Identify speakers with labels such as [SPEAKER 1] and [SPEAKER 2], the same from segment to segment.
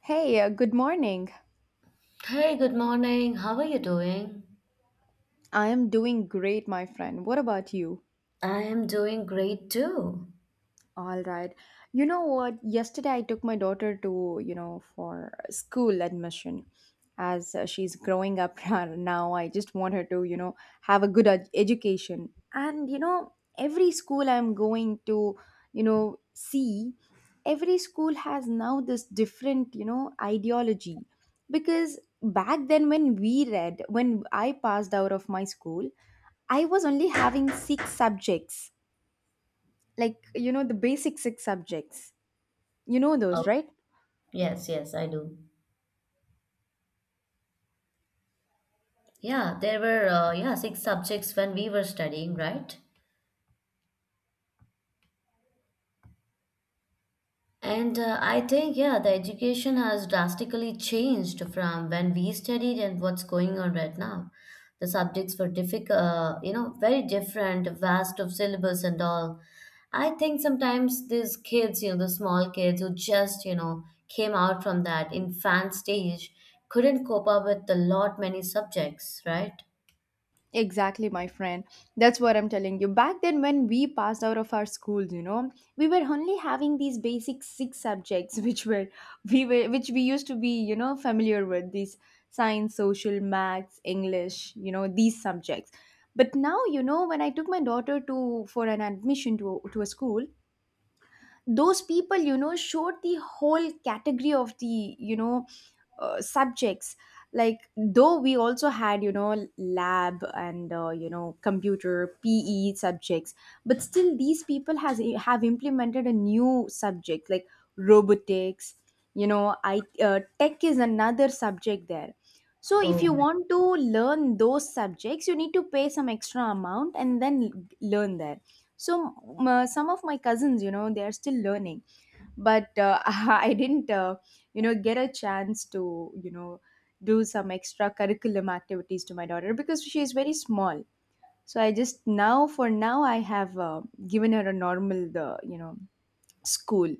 [SPEAKER 1] Hey, good morning.
[SPEAKER 2] Hey, good morning. How are you doing?
[SPEAKER 1] I am doing great, my friend. What about you?
[SPEAKER 2] I am doing great too.
[SPEAKER 1] All right. You know what? Yesterday I took my daughter to, for school admission. As she's growing up now, I just want her to, have a good education. And, every school I'm going to, see, every school has now this different, ideology. Because back then when we read, when I passed out of my school, I was only having six subjects, like, the basic six subjects. you know those
[SPEAKER 2] Oh,
[SPEAKER 1] right
[SPEAKER 2] yes, yes, I do. Yeah, there were yeah, six subjects when we were studying, right? And I think, yeah, the education has drastically changed from when we studied and what's going on right now. The subjects were difficult, you know, very different, vast of syllabus and all. I think sometimes these kids, you know, the small kids who just, you know, came out from that infant stage couldn't cope up with a lot many subjects, right?
[SPEAKER 1] Exactly, my friend. That's what I'm telling you. Back then when we passed out of our schools, we were only having these basic six subjects which were, we were which we used to be, familiar with these: science, social, maths, English, these subjects. But now, you know, when I took my daughter to for an admission to a school, those people, showed the whole category of the, subjects. Like, though we also had, lab and, computer, PE subjects, but still these people has have implemented a new subject like robotics. You know, I, tech is another subject there. So if
[SPEAKER 2] Oh.
[SPEAKER 1] you want to learn those subjects, you need to pay some extra amount and then learn there. So some of my cousins, they are still learning. But I didn't, get a chance to, you know do some extra curriculum activities to my daughter because she is very small. So I just now, for now, I have, given her a normal, the, you know, school.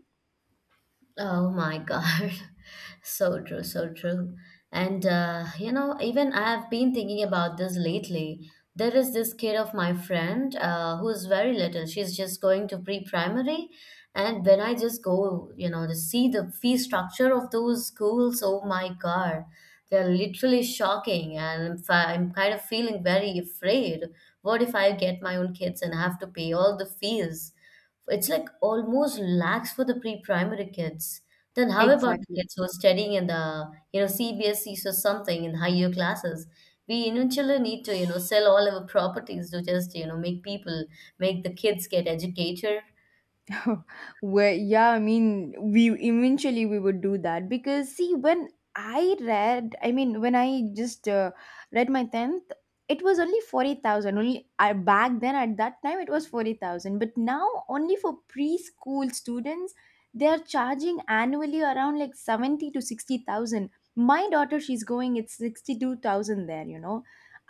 [SPEAKER 2] Oh my God. So true, so true. And, you know, even I've been thinking about this lately. There is this kid of my friend who's very little. She's just going to pre-primary. And when I just go, you know, to see the fee structure of those schools, oh my God, they're literally shocking. And I'm kind of feeling very afraid. What if I get my own kids and have to pay all the fees? It's like almost lax for the pre-primary kids. Then how about the
[SPEAKER 1] Exactly.
[SPEAKER 2] kids who are studying in the, you know, CBSEs or something in higher classes? We eventually need to, you know, sell all our properties to just, you know, make people, make the kids get educated.
[SPEAKER 1] Well, yeah, I mean, we eventually we would do that. Because see, when I read, I mean, when I just read my tenth, it was only 40,000. Only, I back then at that time it was 40,000, but now only for preschool students they are charging annually around like seventy to sixty thousand. My daughter, she's going, it's 62,000 there. You know,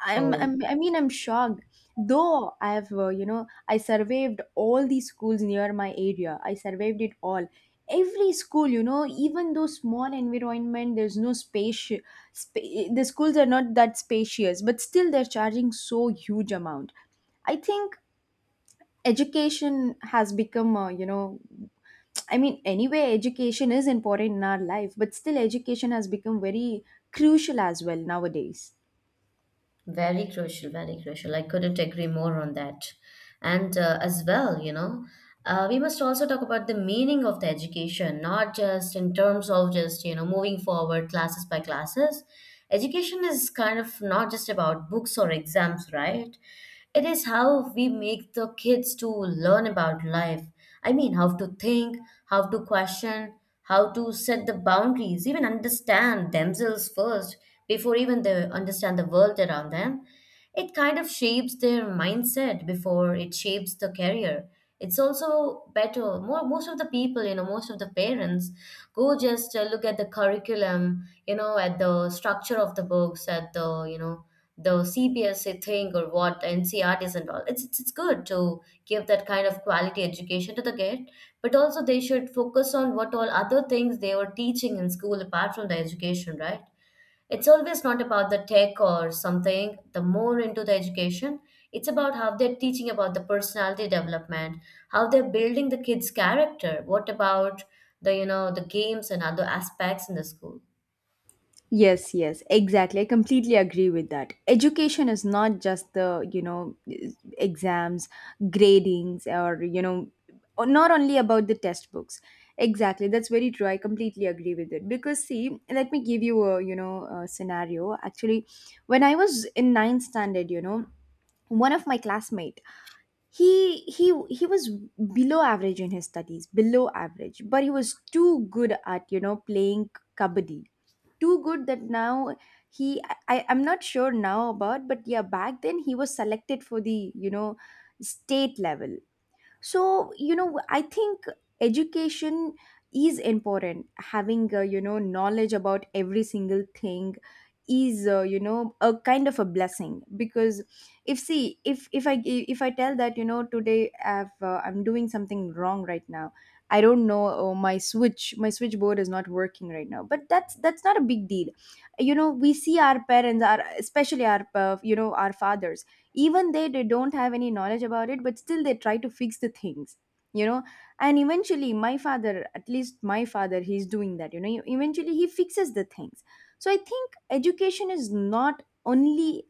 [SPEAKER 2] Oh.
[SPEAKER 1] I mean, I'm shocked. Though I have, I surveyed all the schools near my area. I surveyed it all. Every school, you know, even though small environment, there's no space. The schools are not that spacious, but still they're charging so huge amount. I think education has become, I mean, anyway, education is important in our life, but still education has become very crucial as well nowadays.
[SPEAKER 2] Very crucial, very crucial. I couldn't agree more on that. And as well, you know, we must also talk about the meaning of the education, not just in terms of just, you know, moving forward classes by classes. Education is kind of not just about books or exams, right? It is how we make the kids to learn about life. I mean, how to think, how to question, how to set the boundaries, even understand themselves first before even they understand the world around them. It kind of shapes their mindset before it shapes the career. It's also better. Most of the people, you know, most of the parents go just look at the curriculum, you know, at the structure of the books, at the, you know, the CBSE thing or what NCRTs and all. It's good to give that kind of quality education to the, but also they should focus on what all other things they were teaching in school apart from the education, right? It's always not about the tech or something, the more into the education. It's about how they're teaching about the personality development, how they're building the kids character, what about the, you know, the games and other aspects in the school.
[SPEAKER 1] Yes, yes, exactly. I completely agree with that. Education is not just the, exams, gradings, or, not only about the test books. Exactly. That's very true. I completely agree with it. Because, see, let me give you a, a scenario. Actually, when I was in ninth standard, you know, one of my classmate, he was below average in his studies, below average, but he was too good at, playing kabaddi. Too good that now, I'm not sure now about, but yeah, back then he was selected for the, state level. So, you know, I think education is important. Having, knowledge about every single thing is, a kind of a blessing. Because, if see, if I tell that, you know, today I'm doing something wrong right now. I don't know, oh, my switchboard is not working right now. But that's not a big deal. You know, we see our parents, our especially our, our fathers. Even they don't have any knowledge about it, but still they try to fix the things, you know. And eventually my father, at least my father, he's doing that. You know, eventually he fixes the things. So I think education is not only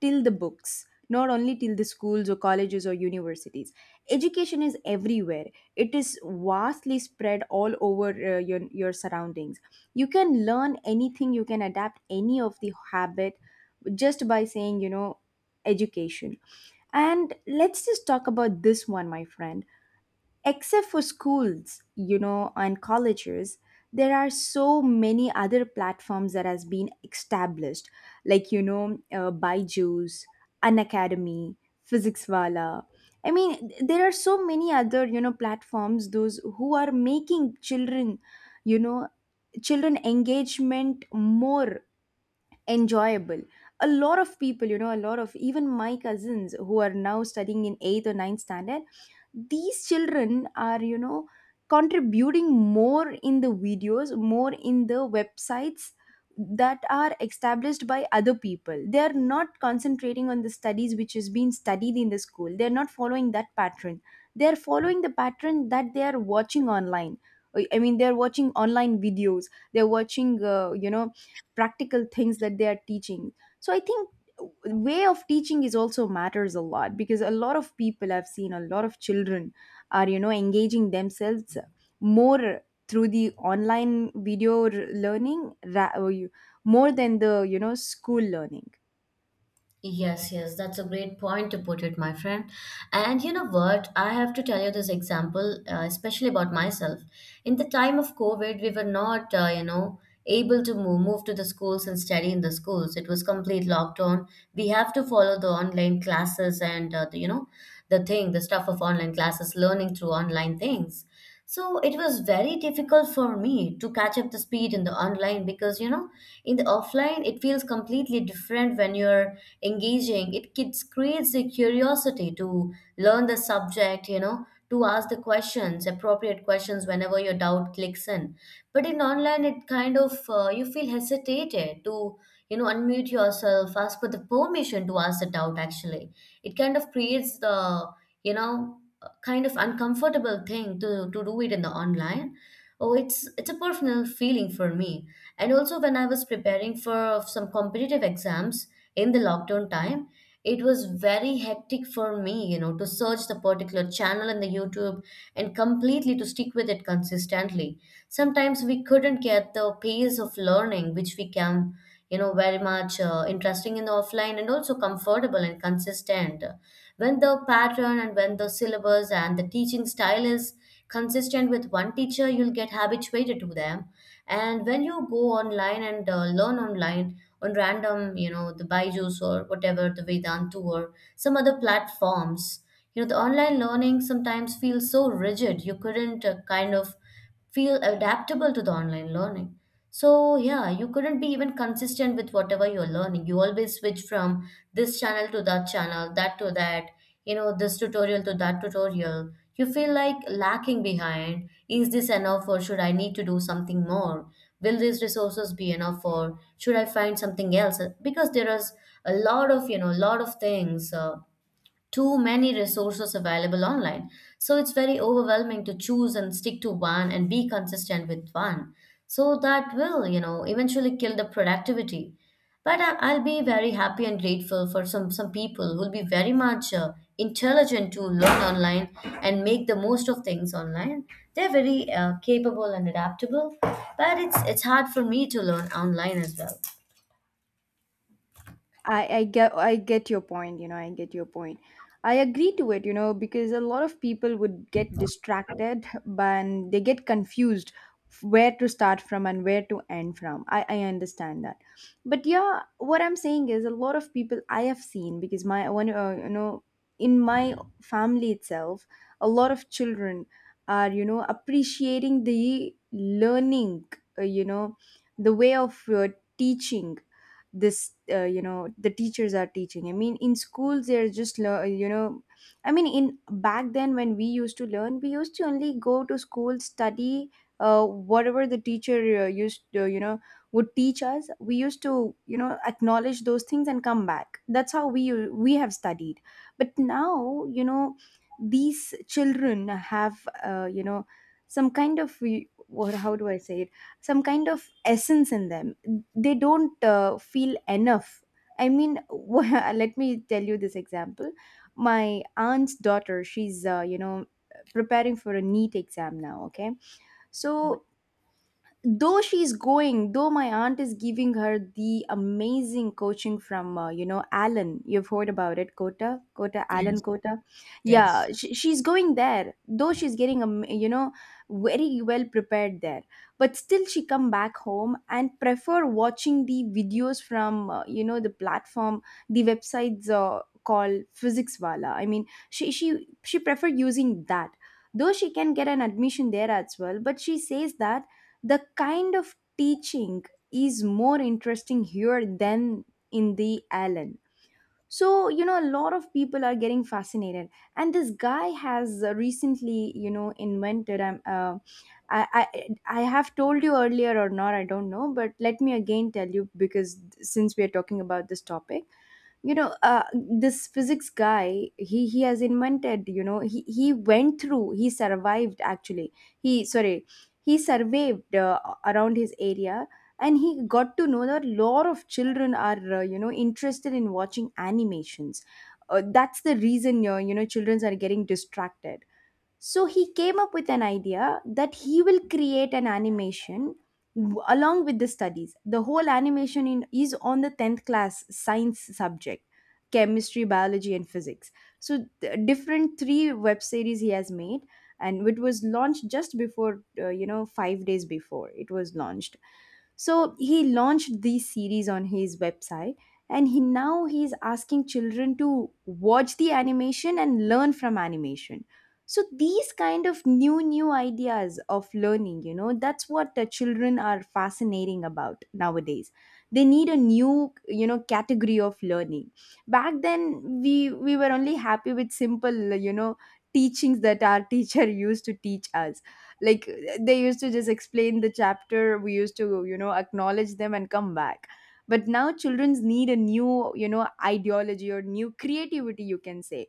[SPEAKER 1] till the books, not only till the schools or colleges or universities. Education is everywhere. It is vastly spread all over, your surroundings. You can learn anything, you can adapt any of the habit, just by saying, you know, education. And let's just talk about this one, my friend. Except for schools, you know, and colleges, there are so many other platforms that has been established, like, you know, Byju's, Unacademy, PhysicsWala. I mean, there are so many other, you know, platforms, those who are making children, you know, children engagement more enjoyable. A lot of people, you know, a lot of even my cousins who are now studying in 8th or ninth standard, these children are, you know, contributing more in the videos, more in the websites that are established by other people. They are not concentrating on the studies which is being studied in the school. They are not following that pattern, they are following the pattern that they are watching online. I mean, they are watching online videos, they are watching, practical things that they are teaching. So I think way of teaching is also matters a lot, because a lot of people I've seen, a lot of children are, you know, engaging themselves more through the online video r- learning ra- or you- more than the, you know, school learning.
[SPEAKER 2] Yes, yes, that's a great point to put it, my friend. And you know what? I have to tell you this example, especially about myself. In the time of COVID, we were not, you know, able to move to the schools and study in the schools. It was complete lockdown. We have to follow the online classes and, the, you know, the thing, the stuff of online classes, learning through online things. So it was very difficult for me to catch up the speed in the online, because you know, in the offline it feels completely different when you're engaging. It kids creates the curiosity to learn the subject, you know, to ask the questions, appropriate questions whenever your doubt clicks in. But in online it kind of, you feel hesitated to, you know, unmute yourself, ask for the permission to ask the doubt actually. It kind of creates the, you know, kind of uncomfortable thing to do it in the online. Oh, it's a personal feeling for me. And also when I was preparing for some competitive exams in the lockdown time, it was very hectic for me, you know, to search the particular channel in the YouTube and completely to stick with it consistently. Sometimes we couldn't get the pace of learning which we can, you know, very much interesting in the offline, and also comfortable and consistent when the pattern and when the syllabus and the teaching style is consistent with one teacher, you'll get habituated to them. And when you go online and learn online on random, you know, the Byju's or whatever, the Vedantu or some other platforms, you know, the online learning sometimes feels so rigid, you couldn't kind of feel adaptable to the online learning. So, yeah, you couldn't be even consistent with whatever you're learning. You always switch from this channel to that channel, that to that, you know, this tutorial to that tutorial. You feel like lacking behind. Is this enough or should I need to do something more? Will these resources be enough or should I find something else? Because there is a lot of, you know, lot of things. Too many resources available online. So it's very overwhelming to choose and stick to one and be consistent with one. So that will, you know, eventually kill the productivity. But I'll be very happy and grateful for some people who'll be very much intelligent to learn online and make the most of things online. They're very capable and adaptable, but it's hard for me to learn online as well.
[SPEAKER 1] I get your point, you know, I get your point. I agree to it, you know, because a lot of people would get distracted and they get confused where to start from and where to end from. I understand that. But yeah, what I'm saying is, a lot of people I have seen, because my one you know in my family itself, a lot of children are, you know, appreciating the learning, uh, you know, the way of, teaching. This you know The teachers are teaching, I mean, in schools they're just you know, I mean, in back then when we used to learn, we used to only go to school, study, whatever the teacher, used to, you know, would teach us, we used to, you know, acknowledge those things and come back. That's how we have studied. But now, you know, these children have, uh, you know some kind of, what how do I say it, some kind of essence in them. They don't, feel enough. I mean, let me tell you this example. My aunt's daughter, she's, preparing for a NEET exam now, okay? So, though she's going though my aunt is giving her the amazing coaching from, alan you've heard about it, Kota, Kota,
[SPEAKER 2] Yes,
[SPEAKER 1] alan kota. Yeah,
[SPEAKER 2] yes.
[SPEAKER 1] she's going there. Though she's getting, very well prepared there, but still she come back home and prefer watching the videos from, the platform, the websites, called physics wala I mean, she prefer using that. Though she can get an admission there as well, but she says that the kind of teaching is more interesting here than in the Allen. So, you know, a lot of people are getting fascinated. And this guy has, recently, you know, invented. I have told you earlier or not, I don't know, but let me again tell you, because since we are talking about this topic, you know, this physics guy, he has invented, you know, he went through, he survived actually he sorry, he surveyed, around his area, and he got to know that a lot of children are, interested in watching animations. That's the reason, children are getting distracted. So he came up with an idea that he will create an animation along with the studies. The whole animation is on the 10th class science subject: chemistry, biology, and physics. So, different three web series he has made, and it was launched just before, 5 days before it was launched. So he launched these series on his website, and he now he's asking children to watch the animation and learn from animation. So these kind of new ideas of learning, you know, that's what the children are fascinating about nowadays. They need a new, you know, category of learning. Back then we were only happy with simple, you know, teachings that our teacher used to teach us, like, they used to just explain the chapter, we used to, you know, acknowledge them and come back. But now children's need a new, you know, ideology or new creativity, you can say,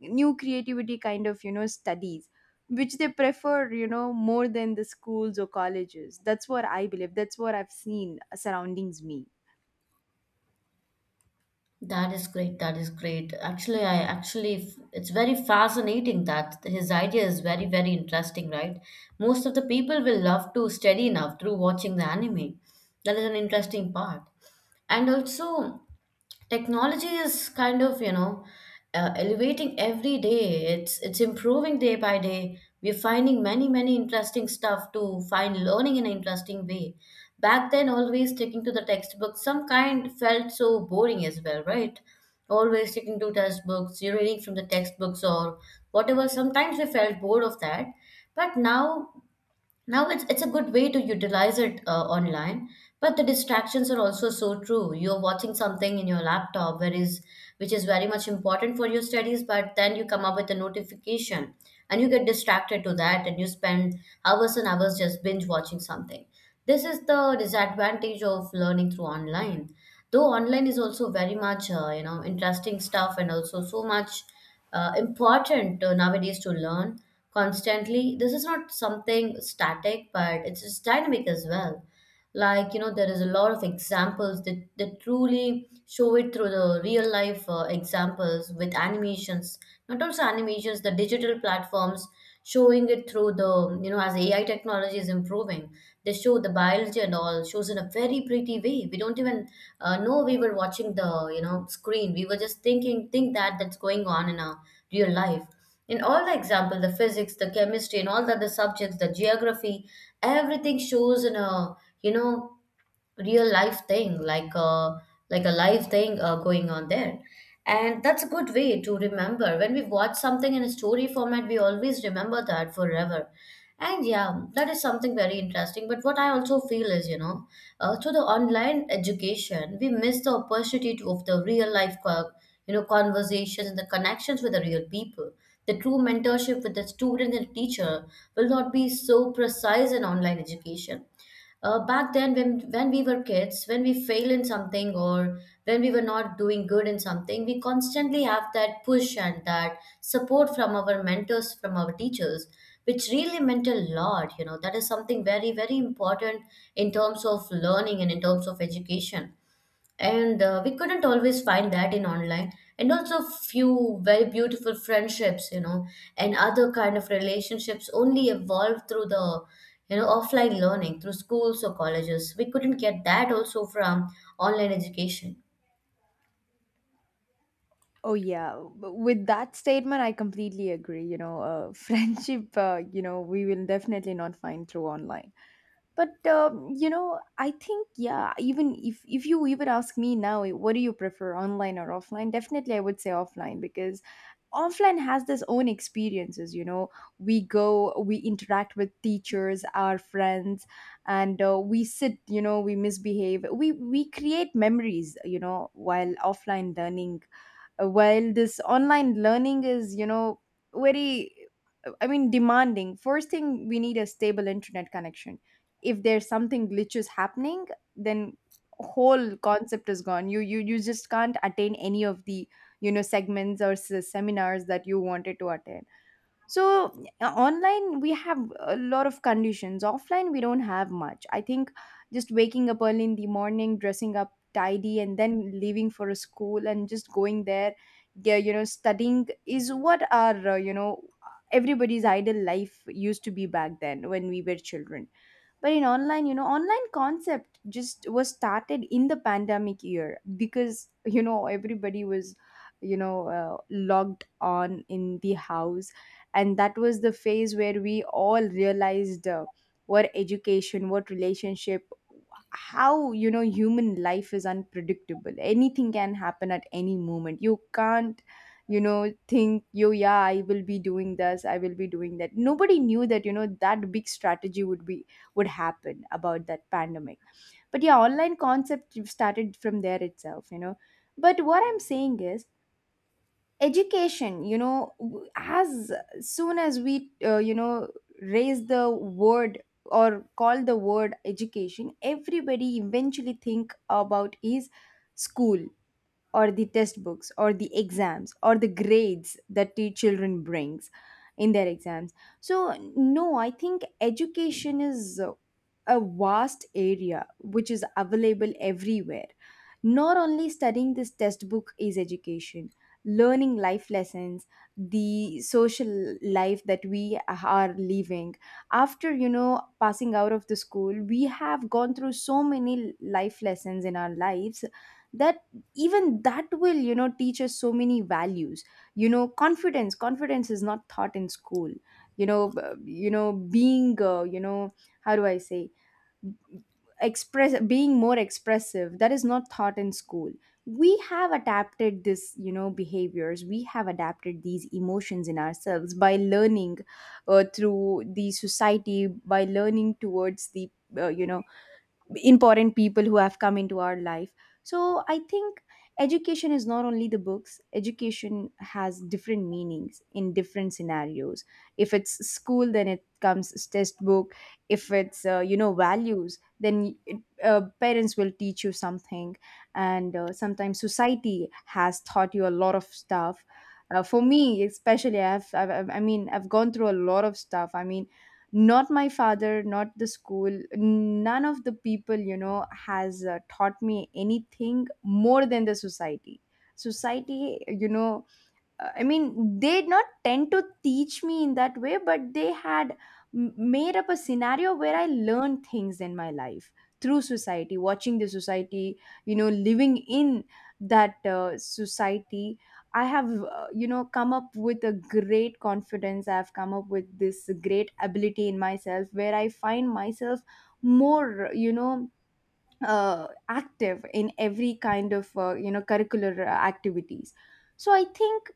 [SPEAKER 1] new creativity kind of, you know, studies, which they prefer, you know, more than the schools or colleges. That's what I believe, that's what I've seen surroundings me.
[SPEAKER 2] That is great. That is great. Actually, it's very fascinating that his idea is very, very interesting, right? Most of the people will love to study now through watching the anime. That is an interesting part, and also technology is kind of, you know, elevating every day, it's improving day by day. We're finding many many interesting stuff to find learning in an interesting way. Back then, always sticking to the textbook some kind felt so boring as well, right? Always sticking to textbooks, you're reading from the textbooks or whatever, sometimes we felt bored of that. But now, now it's a good way to utilize it online, but the distractions are also so true. You're watching something in your laptop, where is which is very much important for your studies, but then you come up with a notification and you get distracted to that, and you spend hours and hours just binge watching something. This is the disadvantage of learning through online. Though online is also very much you know interesting stuff, and also so much important nowadays to learn constantly. This is not something static, but it's just dynamic as well. Like, you know, there is a lot of examples that truly show it through the real life examples with animations, not also animations, the digital platforms showing it through the, you know, as AI technology is improving, they show the biology and all shows in a very pretty way. We don't even know we were watching the, you know, screen. We were just think that that's going on in our real life. In all the example, the physics, the chemistry, and all the other subjects, the geography, everything shows in a, you know, real life thing, like a live thing going on there. And that's a good way to remember. When we watch something in a story format, we always remember that forever. And yeah, that is something very interesting. But what I also feel is, you know, through the online education, we miss the opportunity to, of the real life you know, conversations and the connections with the real people. The true mentorship with the student and teacher will not be so precise in online education. Back then, when we were kids, when we fail in something or when we were not doing good in something, we constantly have that push and that support from our mentors, from our teachers, which really meant a lot, you know. That is something very very important in terms of learning and in terms of education. And we couldn't always find that in online. And also few very beautiful friendships, you know, and other kind of relationships only evolved through the, you know, offline learning through schools or colleges. We couldn't get that also from online education.
[SPEAKER 1] Oh yeah, with that statement I completely agree, you know. Friendship, you know, we will definitely not find through online. But you know, I think, yeah, even if you even ask me now, what do you prefer, online or offline? Definitely I would say offline, because offline has this own experiences, you know. We go, we interact with teachers, our friends, and we sit, you know, we misbehave, we create memories, you know, while offline learning. While this online learning is, you know, very, I mean, demanding. First thing, we need a stable internet connection. If there's something glitches happening, then whole concept is gone. You just can't attain any of the, you know, segments or seminars that you wanted to attend. So, online we have a lot of conditions, offline we don't have much, I think. Just waking up early in the morning, dressing up tidy, and then leaving for a school and just going there, you know, studying is what our, you know, everybody's ideal life used to be back then when we were children. But in online, you know, online concept just was started in the pandemic year, because, you know, everybody was, you know, logged on in the house. And that was the phase where we all realized, what education, what relationship, how, you know, human life is unpredictable, anything can happen at any moment. You can't, you know, think, yo yeah, I will be doing this, I will be doing that. Nobody knew that, you know, that big strategy would be, would happen about that pandemic. But yeah, online concept started from there itself, you know. But what I'm saying is, education, you know, as soon as we, you know, raise the word or call the word education, everybody eventually think about is school, or the test books or the exams or the grades that the children brings in their exams. So, no, I think education is, a vast area which is available everywhere. Not only studying this test book is education. Learning life lessons, the social life that we are living, after, you know, passing out of the school, we have gone through so many life lessons in our lives, that, even that will, you know, teach us so many values. You know, confidence is not taught in school. You know, you know, being, you know, how do I say, express, being more expressive, that is not taught in school. We have adapted this, you know, behaviors, we have adapted these emotions in ourselves by learning, through the society, by learning towards the, you know, important people who have come into our life. So I think education is not only the books, education has different meanings in different scenarios. If it's school, then it comes as textbook. If it's, you know, values, then it, parents will teach you something. And sometimes society has taught you a lot of stuff. For me especially, I mean, I've gone through a lot of stuff. I mean, not my father, not the school, none of the people, you know, has taught me anything more than the society. Society, you know, I mean, they did not tend to teach me in that way, but they had made up a scenario where I learned things in my life, through society, watching the society, you know, living in that society. I have, you know, come up with a great confidence. I've come up with this great ability in myself where I find myself more, you know, active in every kind of you know curricular activities. So I think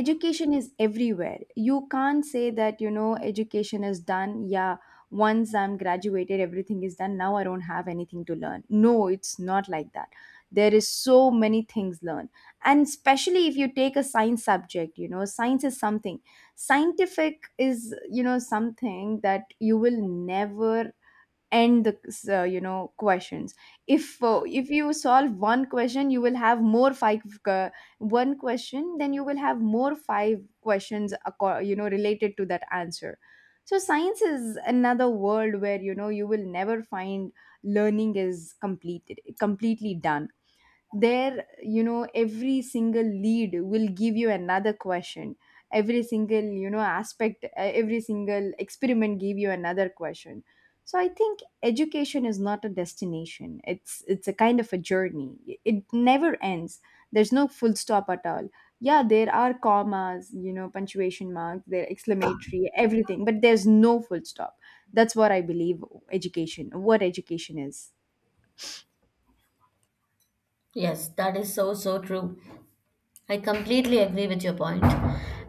[SPEAKER 1] education is everywhere. You can't say that, you know, education is done, yeah, once I'm graduated everything is done, now I don't have anything to learn. No, it's not like that. There is so many things learn. And especially if you take a science subject, you know, science is something, scientific is, you know, something that you will never end the, you know, questions. If if you solve one question, you will have more five, uh, one question, then you will have more five questions, you know, related to that answer. So science is another world where, you know, you will never find learning is completed, completely done. There, you know, every single lead will give you another question, every single, you know, aspect, every single experiment give you another question. So I think education is not a destination, it's a kind of a journey, it never ends. There's no full stop at all. Yeah, there are commas, you know, punctuation marks, there exclamatory, everything, but there's no full stop. That's what I believe education, what education is.
[SPEAKER 2] Yes, that is so, so true. I completely agree with your point.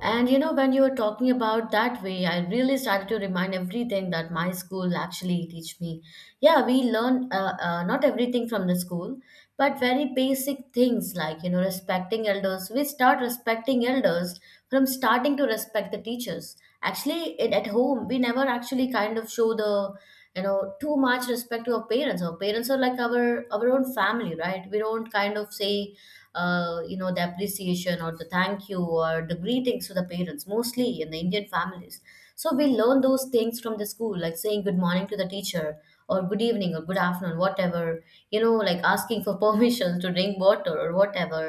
[SPEAKER 2] And you know, when you were talking about that way, I really started to remind everything that my school actually teach me. Yeah, we learn not everything from the school, but very basic things like, you know, respecting elders. We start respecting elders from starting to respect the teachers. Actually, at home, we never actually kind of show the too much respect to our parents. Our parents are like our own family, right? We don't kind of say the appreciation or the thank you or the greetings to the parents, mostly in the Indian families. So we learn those things from the school, like saying good morning to the teacher, or good evening or good afternoon, whatever. Like asking for permission to drink water or whatever.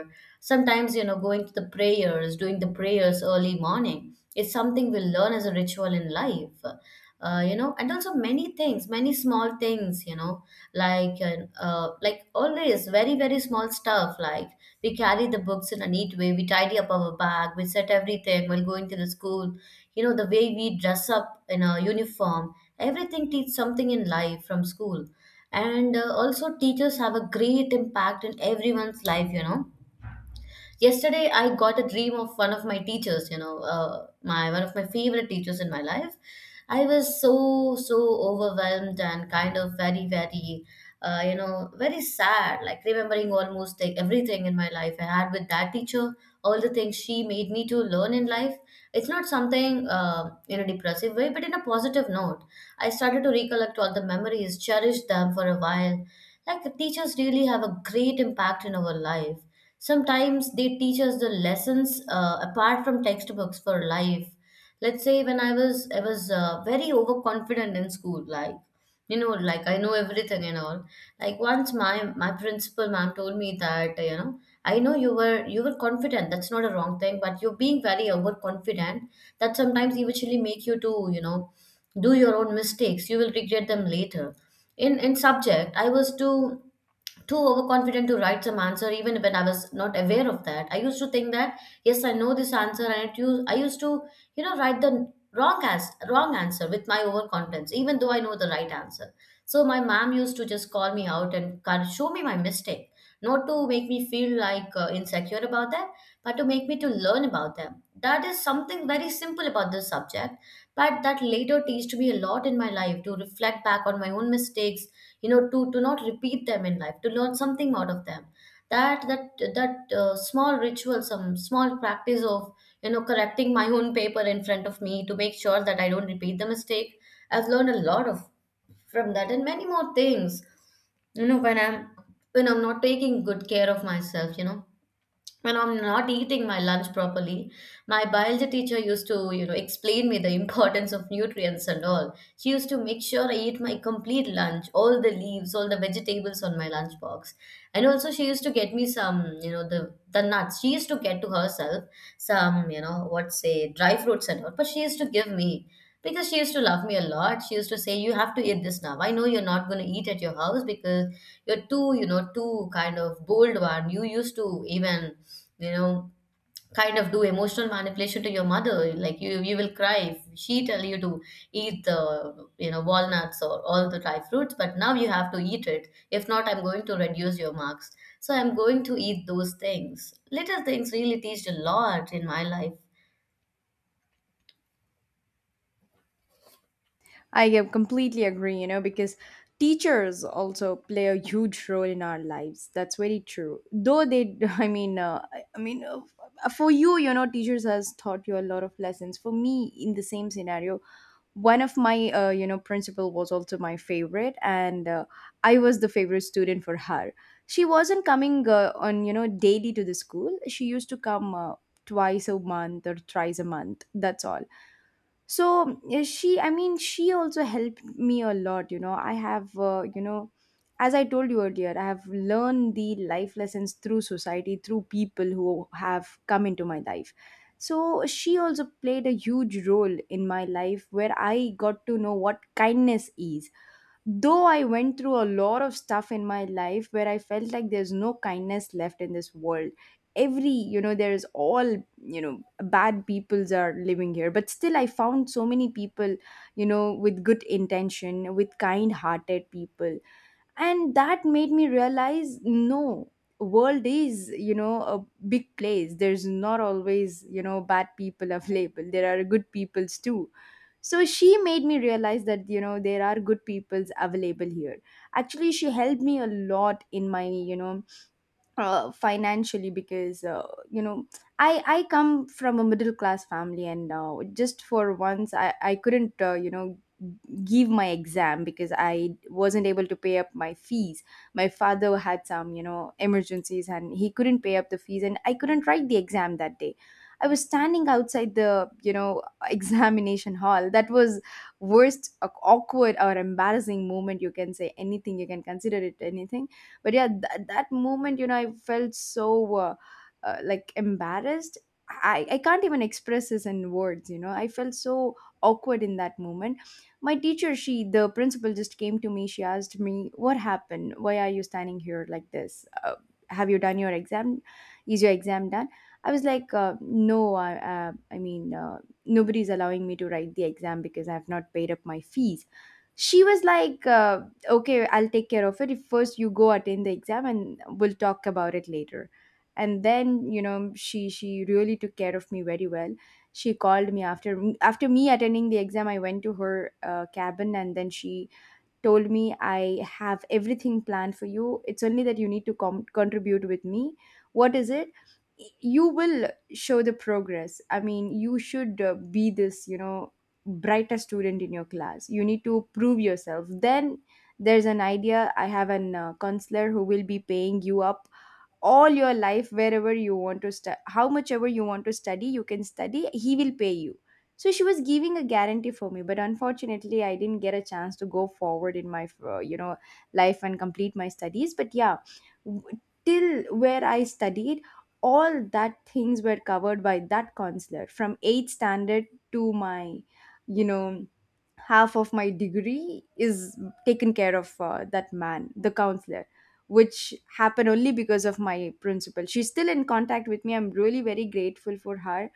[SPEAKER 2] Sometimes, going to the prayers, doing the prayers early morning, is something we learn as a ritual in life. And also many things, many small things, like, like, always very, very small stuff. Like, we carry the books in a neat way, we tidy up our bag, we set everything while going to the school. The way we dress up in a uniform, everything teach something in life from school. And also teachers have a great impact in everyone's life. Yesterday, I got a dream of one of my teachers, you know, my one of my favorite teachers in my life. I was so, so overwhelmed and kind of very, very, very sad, like remembering almost like everything in my life I had with that teacher, all the things she made me to learn in life. It's not something in a depressive way, but in a positive note. I started to recollect all the memories, cherish them for a while, like teachers really have a great impact in our life. Sometimes they teach us the lessons apart from textbooks for life. Let's say, when I was very overconfident in school, like, like, I know everything and all. Like, once my principal ma'am told me that, I know you were confident. That's not a wrong thing, but you're being very overconfident. That sometimes eventually make you to do your own mistakes. You will regret them later. In subject, I was too overconfident to write some answer, even when I was not aware of that. I used to think that yes, I know this answer, and I used to write the wrong as wrong answer with my overconfidence, even though I know the right answer. So my mom used to just call me out and kind of show me my mistake, not to make me feel like insecure about them, but to make me to learn about them. That is something very simple about this subject, but that later teached me a lot in my life, to reflect back on my own mistakes, to not repeat them in life, to learn something out of them. That small ritual, some small practice of correcting my own paper in front of me to make sure that I don't repeat the mistake. I've learned a lot of from that, and many more things. you know when i'm when I'm not taking good care of myself, when I'm not eating my lunch properly, my biology teacher used to, explain me the importance of nutrients and all. She used to make sure I eat my complete lunch, all the leaves, all the vegetables on my lunchbox. And also she used to get me some, the nuts. She used to get to herself some, what say, dry fruits and all, but she used to give me, because she used to love me a lot. She used to say, you have to eat this now. I know you're not gonna eat at your house, because you're too, too kind of bold one. You used to even, you know kind of do emotional manipulation to your mother, like, you will cry if she tell you to eat the walnuts or all the dry fruits. But now you have to eat it, if not I'm going to reduce your marks. So I'm going to eat those things. Little things really teach a lot in my life.
[SPEAKER 1] I can completely agree, you know, because teachers also play a huge role in our lives. That's very true. Though they, I mean, for you, you know, teachers has taught you a lot of lessons. For me, in the same scenario, one of my, you know, principal was also my favorite, and I was the favorite student for her. She wasn't coming on, you know, daily to the school. She used to come. Twice a month or thrice a month, that's all. So she, I mean, she also helped me a lot, you know. I have, you know, as I told you earlier, I have learned the life lessons through society, through people who have come into my life. So she also played a huge role in my life where I got to know what kindness is. Though I went through a lot of stuff in my life where I felt like there's no kindness left in this world. Every, you know, there's all, you know, bad peoples are living here. But still, I found so many people, you know, with good intention, with kind hearted people. And that made me realize, no, world is, you know, a big place, there's not always, you know, bad people available, there are good peoples too. So she made me realize that, you know, there are good peoples available here. Actually, she helped me a lot in my, you know, financially, because, you know, I come from a middle class family, and just for once, I couldn't, you know, give my exam because I wasn't able to pay up my fees. My father had some, you know, emergencies, and he couldn't pay up the fees, and I couldn't write the exam that day. I was standing outside the, you know, examination hall. That was worst, awkward or embarrassing moment, you can say anything, you can consider it anything. But yeah, that moment, you know, I felt so like embarrassed. I can't even express this in words, you know, I felt so awkward in that moment. My teacher, she, the principal, just came to me, she asked me, what happened, why are you standing here like this, have you done your exam, is your exam done? I was like, no, I, I mean, nobody's allowing me to write the exam because I have not paid up my fees. She was like, okay, I'll take care of it, if first you go attend the exam and we'll talk about it later. And then, you know, she really took care of me very well. She called me after, after me attending the exam, I went to her cabin, and then she told me, I have everything planned for you. It's only that you need to contribute with me. What is it? You will show the progress. I mean, you should be this, you know, brighter student in your class. You need to prove yourself. Then there's an idea. I have an counselor who will be paying you up all your life. Wherever you want to study, how much ever you want to study you can study, he will pay you. So she was giving a guarantee for me, but unfortunately I didn't get a chance to go forward in my life and complete my studies. But yeah, w- till where I studied, all that things were covered by that counselor from 8th standard to my you know half of my degree is taken care of that man, the counselor, which happened only because of my principal. She's still in contact with me. I'm really very grateful for her.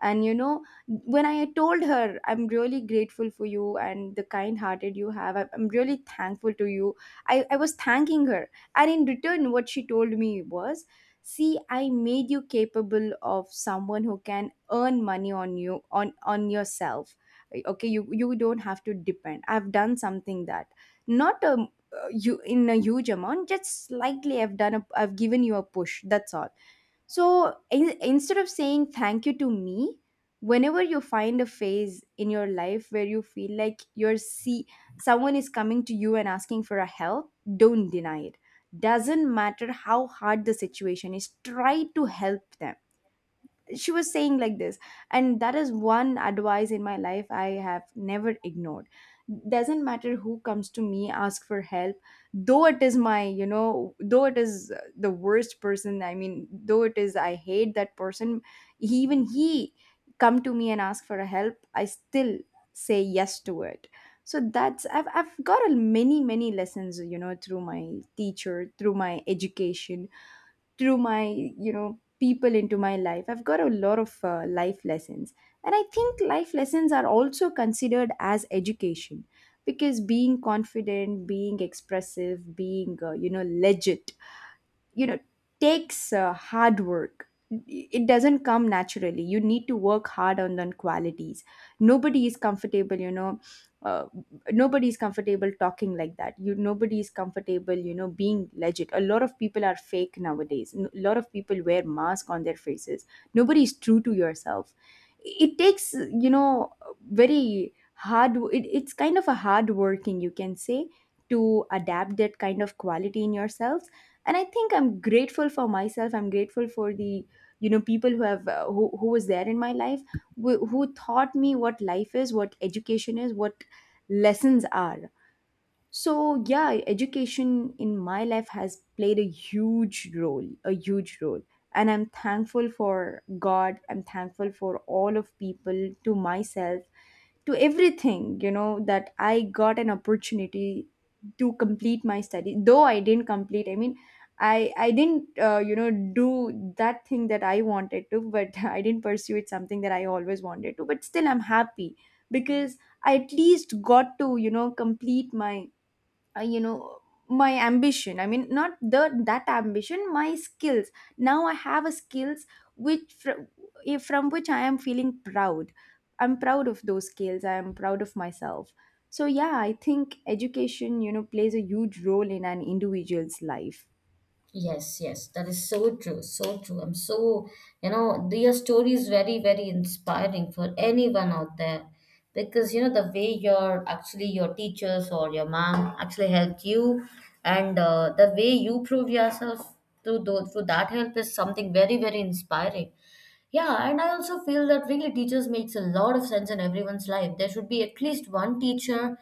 [SPEAKER 1] And you know, when I told her I'm really grateful for you and the kind hearted you have, I'm really thankful to you. I was thanking her, and in return what she told me was, see, I made you capable of someone who can earn money on you on yourself. Okay, you don't have to depend. I've done something that, not a, you, in a huge amount, just slightly. I've done a, I've given you a push, that's all. So instead of saying thank you to me, whenever you find a phase in your life where you feel like you're, see, someone is coming to you and asking for a help, don't deny it. Doesn't matter how hard the situation is, try to help them. She was saying like this. And that is one advice in my life I have never ignored. Doesn't matter who comes to me ask for help, though it is my though it is the worst person, I mean though it is, I hate that person, even he come to me and ask for a help, I still say yes to it. So that's, I've got a many many lessons, you know, through my teacher, through my education, through my people into my life. I've got a lot of life lessons. And I think life lessons are also considered as education, because being confident, being expressive, being legit, you know takes hard work. It doesn't come naturally, you need to work hard on the qualities. Nobody is comfortable, uh, nobody is comfortable talking like that. You, nobody is comfortable, you know, being legit. A lot of people are fake nowadays, a lot of people wear mask on their faces. Nobody is true to yourself. It takes, very hard, it's kind of a hard working, you can say, to adapt that kind of quality in yourself. And I think I'm grateful for myself, I'm grateful for the people who have who was there in my life, who taught me what life is, what education is, what lessons are. So yeah, education in my life has played a huge role, a huge role. And I'm thankful for god, I'm thankful for all of people, to myself, to everything, you know, that I got an opportunity to complete my study. Though I didn't complete, I mean, I didn't do that thing that I wanted to, but I didn't pursue it, something that I always wanted to. But still, I'm happy, because I at least got to complete my uh, you know my ambition, I mean not the that ambition, my skills. Now I have a skills which from, from which I am feeling proud. I'm proud of those skills, I am proud of myself. So yeah, I think education, you know, plays a huge role in an individual's life.
[SPEAKER 2] Yes, yes, that is so true, so true. I'm so, your story is very, very inspiring for anyone out there, because the way your teachers or your mom actually helped you, and the way you prove yourself through that help is something very, very inspiring. Yeah, and I also feel that really teachers makes a lot of sense in everyone's life. There should be at least one teacher,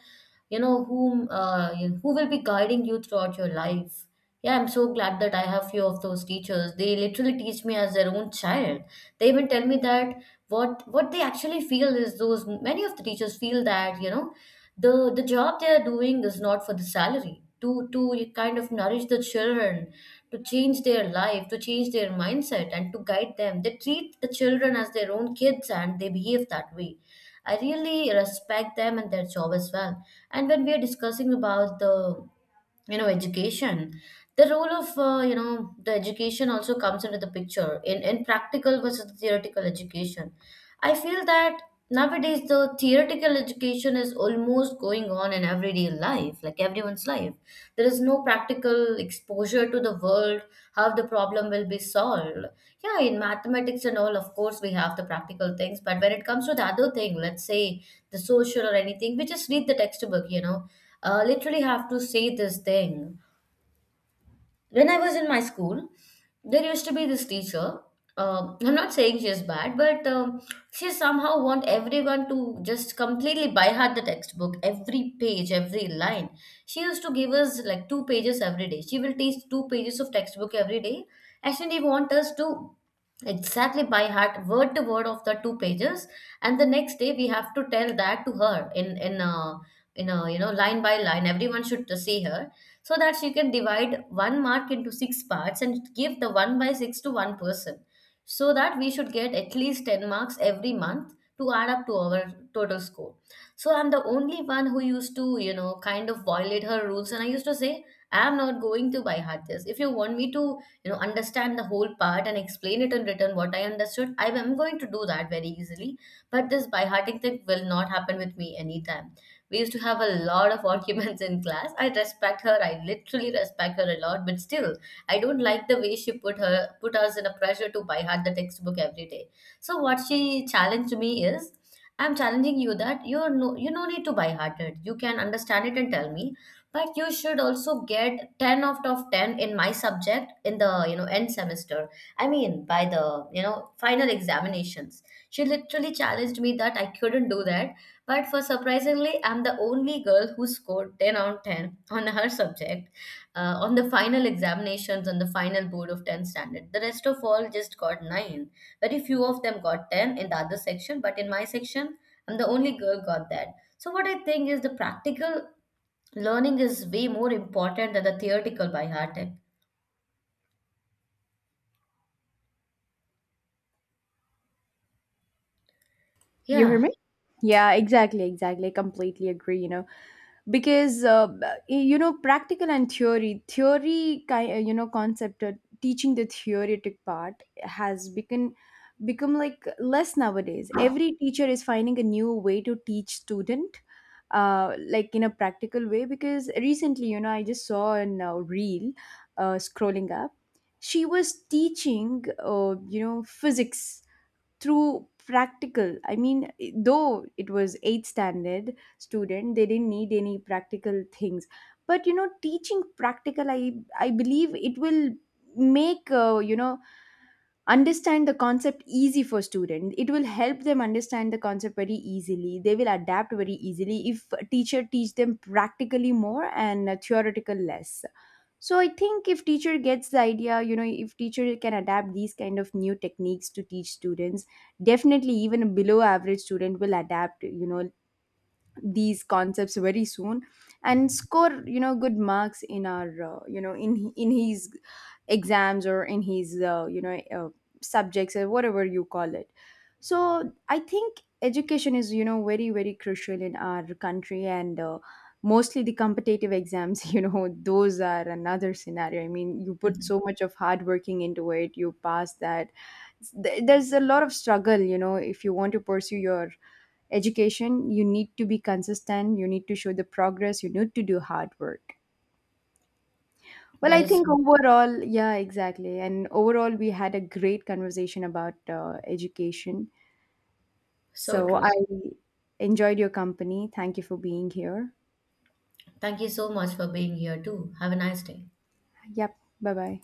[SPEAKER 2] whom, who will be guiding you throughout your life. Yeah, I'm so glad that I have few of those teachers. They literally teach me as their own child. They even tell me that what they actually feel is, those many of the teachers feel that, the job they are doing is not for the salary, to kind of nourish the children, to change their life, to change their mindset, and to guide them. They treat the children as their own kids and they behave that way. I really respect them and their job as well. And when we are discussing about the, education, the role of the education also comes into the picture, in practical versus theoretical education. I feel that nowadays the theoretical education is almost going on in everyday life, like everyone's life. There is no practical exposure to the world, how the problem will be solved. Yeah, in mathematics and all, of course we have the practical things, but when it comes to the other thing, let's say the social or anything, we just read the textbook. Literally have to say this thing. When I was in my school, there used to be this teacher. I'm not saying she is bad, but she somehow want everyone to just completely by heart the textbook, every page, every line. She used to give us like two pages every day. She will teach two pages of textbook every day. Actually, want us to exactly by heart, word to word of the two pages, and the next day we have to tell that to her, in a, line by line. Everyone should see her, so that she can divide one mark into six parts and give the one by six to one person, so that we should get at least 10 marks every month to add up to our total score. So I'm the only one who used to, kind of violate her rules, and I used to say, I'm not going to buy heart this. If you want me to, understand the whole part and explain it in written what I understood, I am going to do that very easily. But this by hearting thing will not happen with me anytime. We used to have a lot of arguments in class. I respect her. I literally respect her a lot, but still, I don't like the way she put us in a pressure to buy hard the textbook every day. So what she challenged me is, I'm challenging you that you no need to buy hard it. You can understand it and tell me, but you should also get ten out of ten in my subject, in the, end semester. I mean, by the, you know final examinations. She literally challenged me that I couldn't do that, but for surprisingly, I'm the only girl who scored 10 out of 10 on her subject, on the final examinations, on the final board of 10 standard. The rest of all just got 9. Very few of them got 10 in the other section, but in my section, I'm the only girl got that. So what I think is, the practical learning is way more important than the theoretical by heart.
[SPEAKER 1] You hear
[SPEAKER 2] Yeah,
[SPEAKER 1] me? Yeah, exactly, exactly. I completely agree, you know. Because you know, practical and theory, theory kind, you know, concept, teaching the theoretic part has become, become like less nowadays. Every teacher is finding a new way to teach student, like in a practical way. Because recently, you know, I just saw an reel scrolling up. She was teaching, physics through practical. I mean, though it was eighth standard student, they didn't need any practical things. But you know, teaching practical, I believe it will make understand the concept easy for student. It will help them understand the concept very easily, they will adapt very easily if a teacher teach them practically more and theoretical less. So I think if teacher gets the idea, you know, if teacher can adapt these kind of new techniques to teach students, definitely even a below average student will adapt, you know, these concepts very soon, and score, you know, good marks in our in his exams or in his subjects or whatever you call it. So I think education is, you know, very very crucial in our country. And mostly the competitive exams, you know, those are another scenario. I mean you put so much of hard working into it, you pass that. There's a lot of struggle, you know. If you want to pursue your education, you need to be consistent, you need to show the progress, you need to do hard work. Well
[SPEAKER 2] that
[SPEAKER 1] I
[SPEAKER 2] is so
[SPEAKER 1] think overall, yeah, exactly, and overall we had a great conversation about education.
[SPEAKER 2] so
[SPEAKER 1] So
[SPEAKER 2] true.
[SPEAKER 1] I enjoyed your company. Thank you for being here.
[SPEAKER 2] Thank you so much for being here too. Have a nice day.
[SPEAKER 1] Yep, bye bye.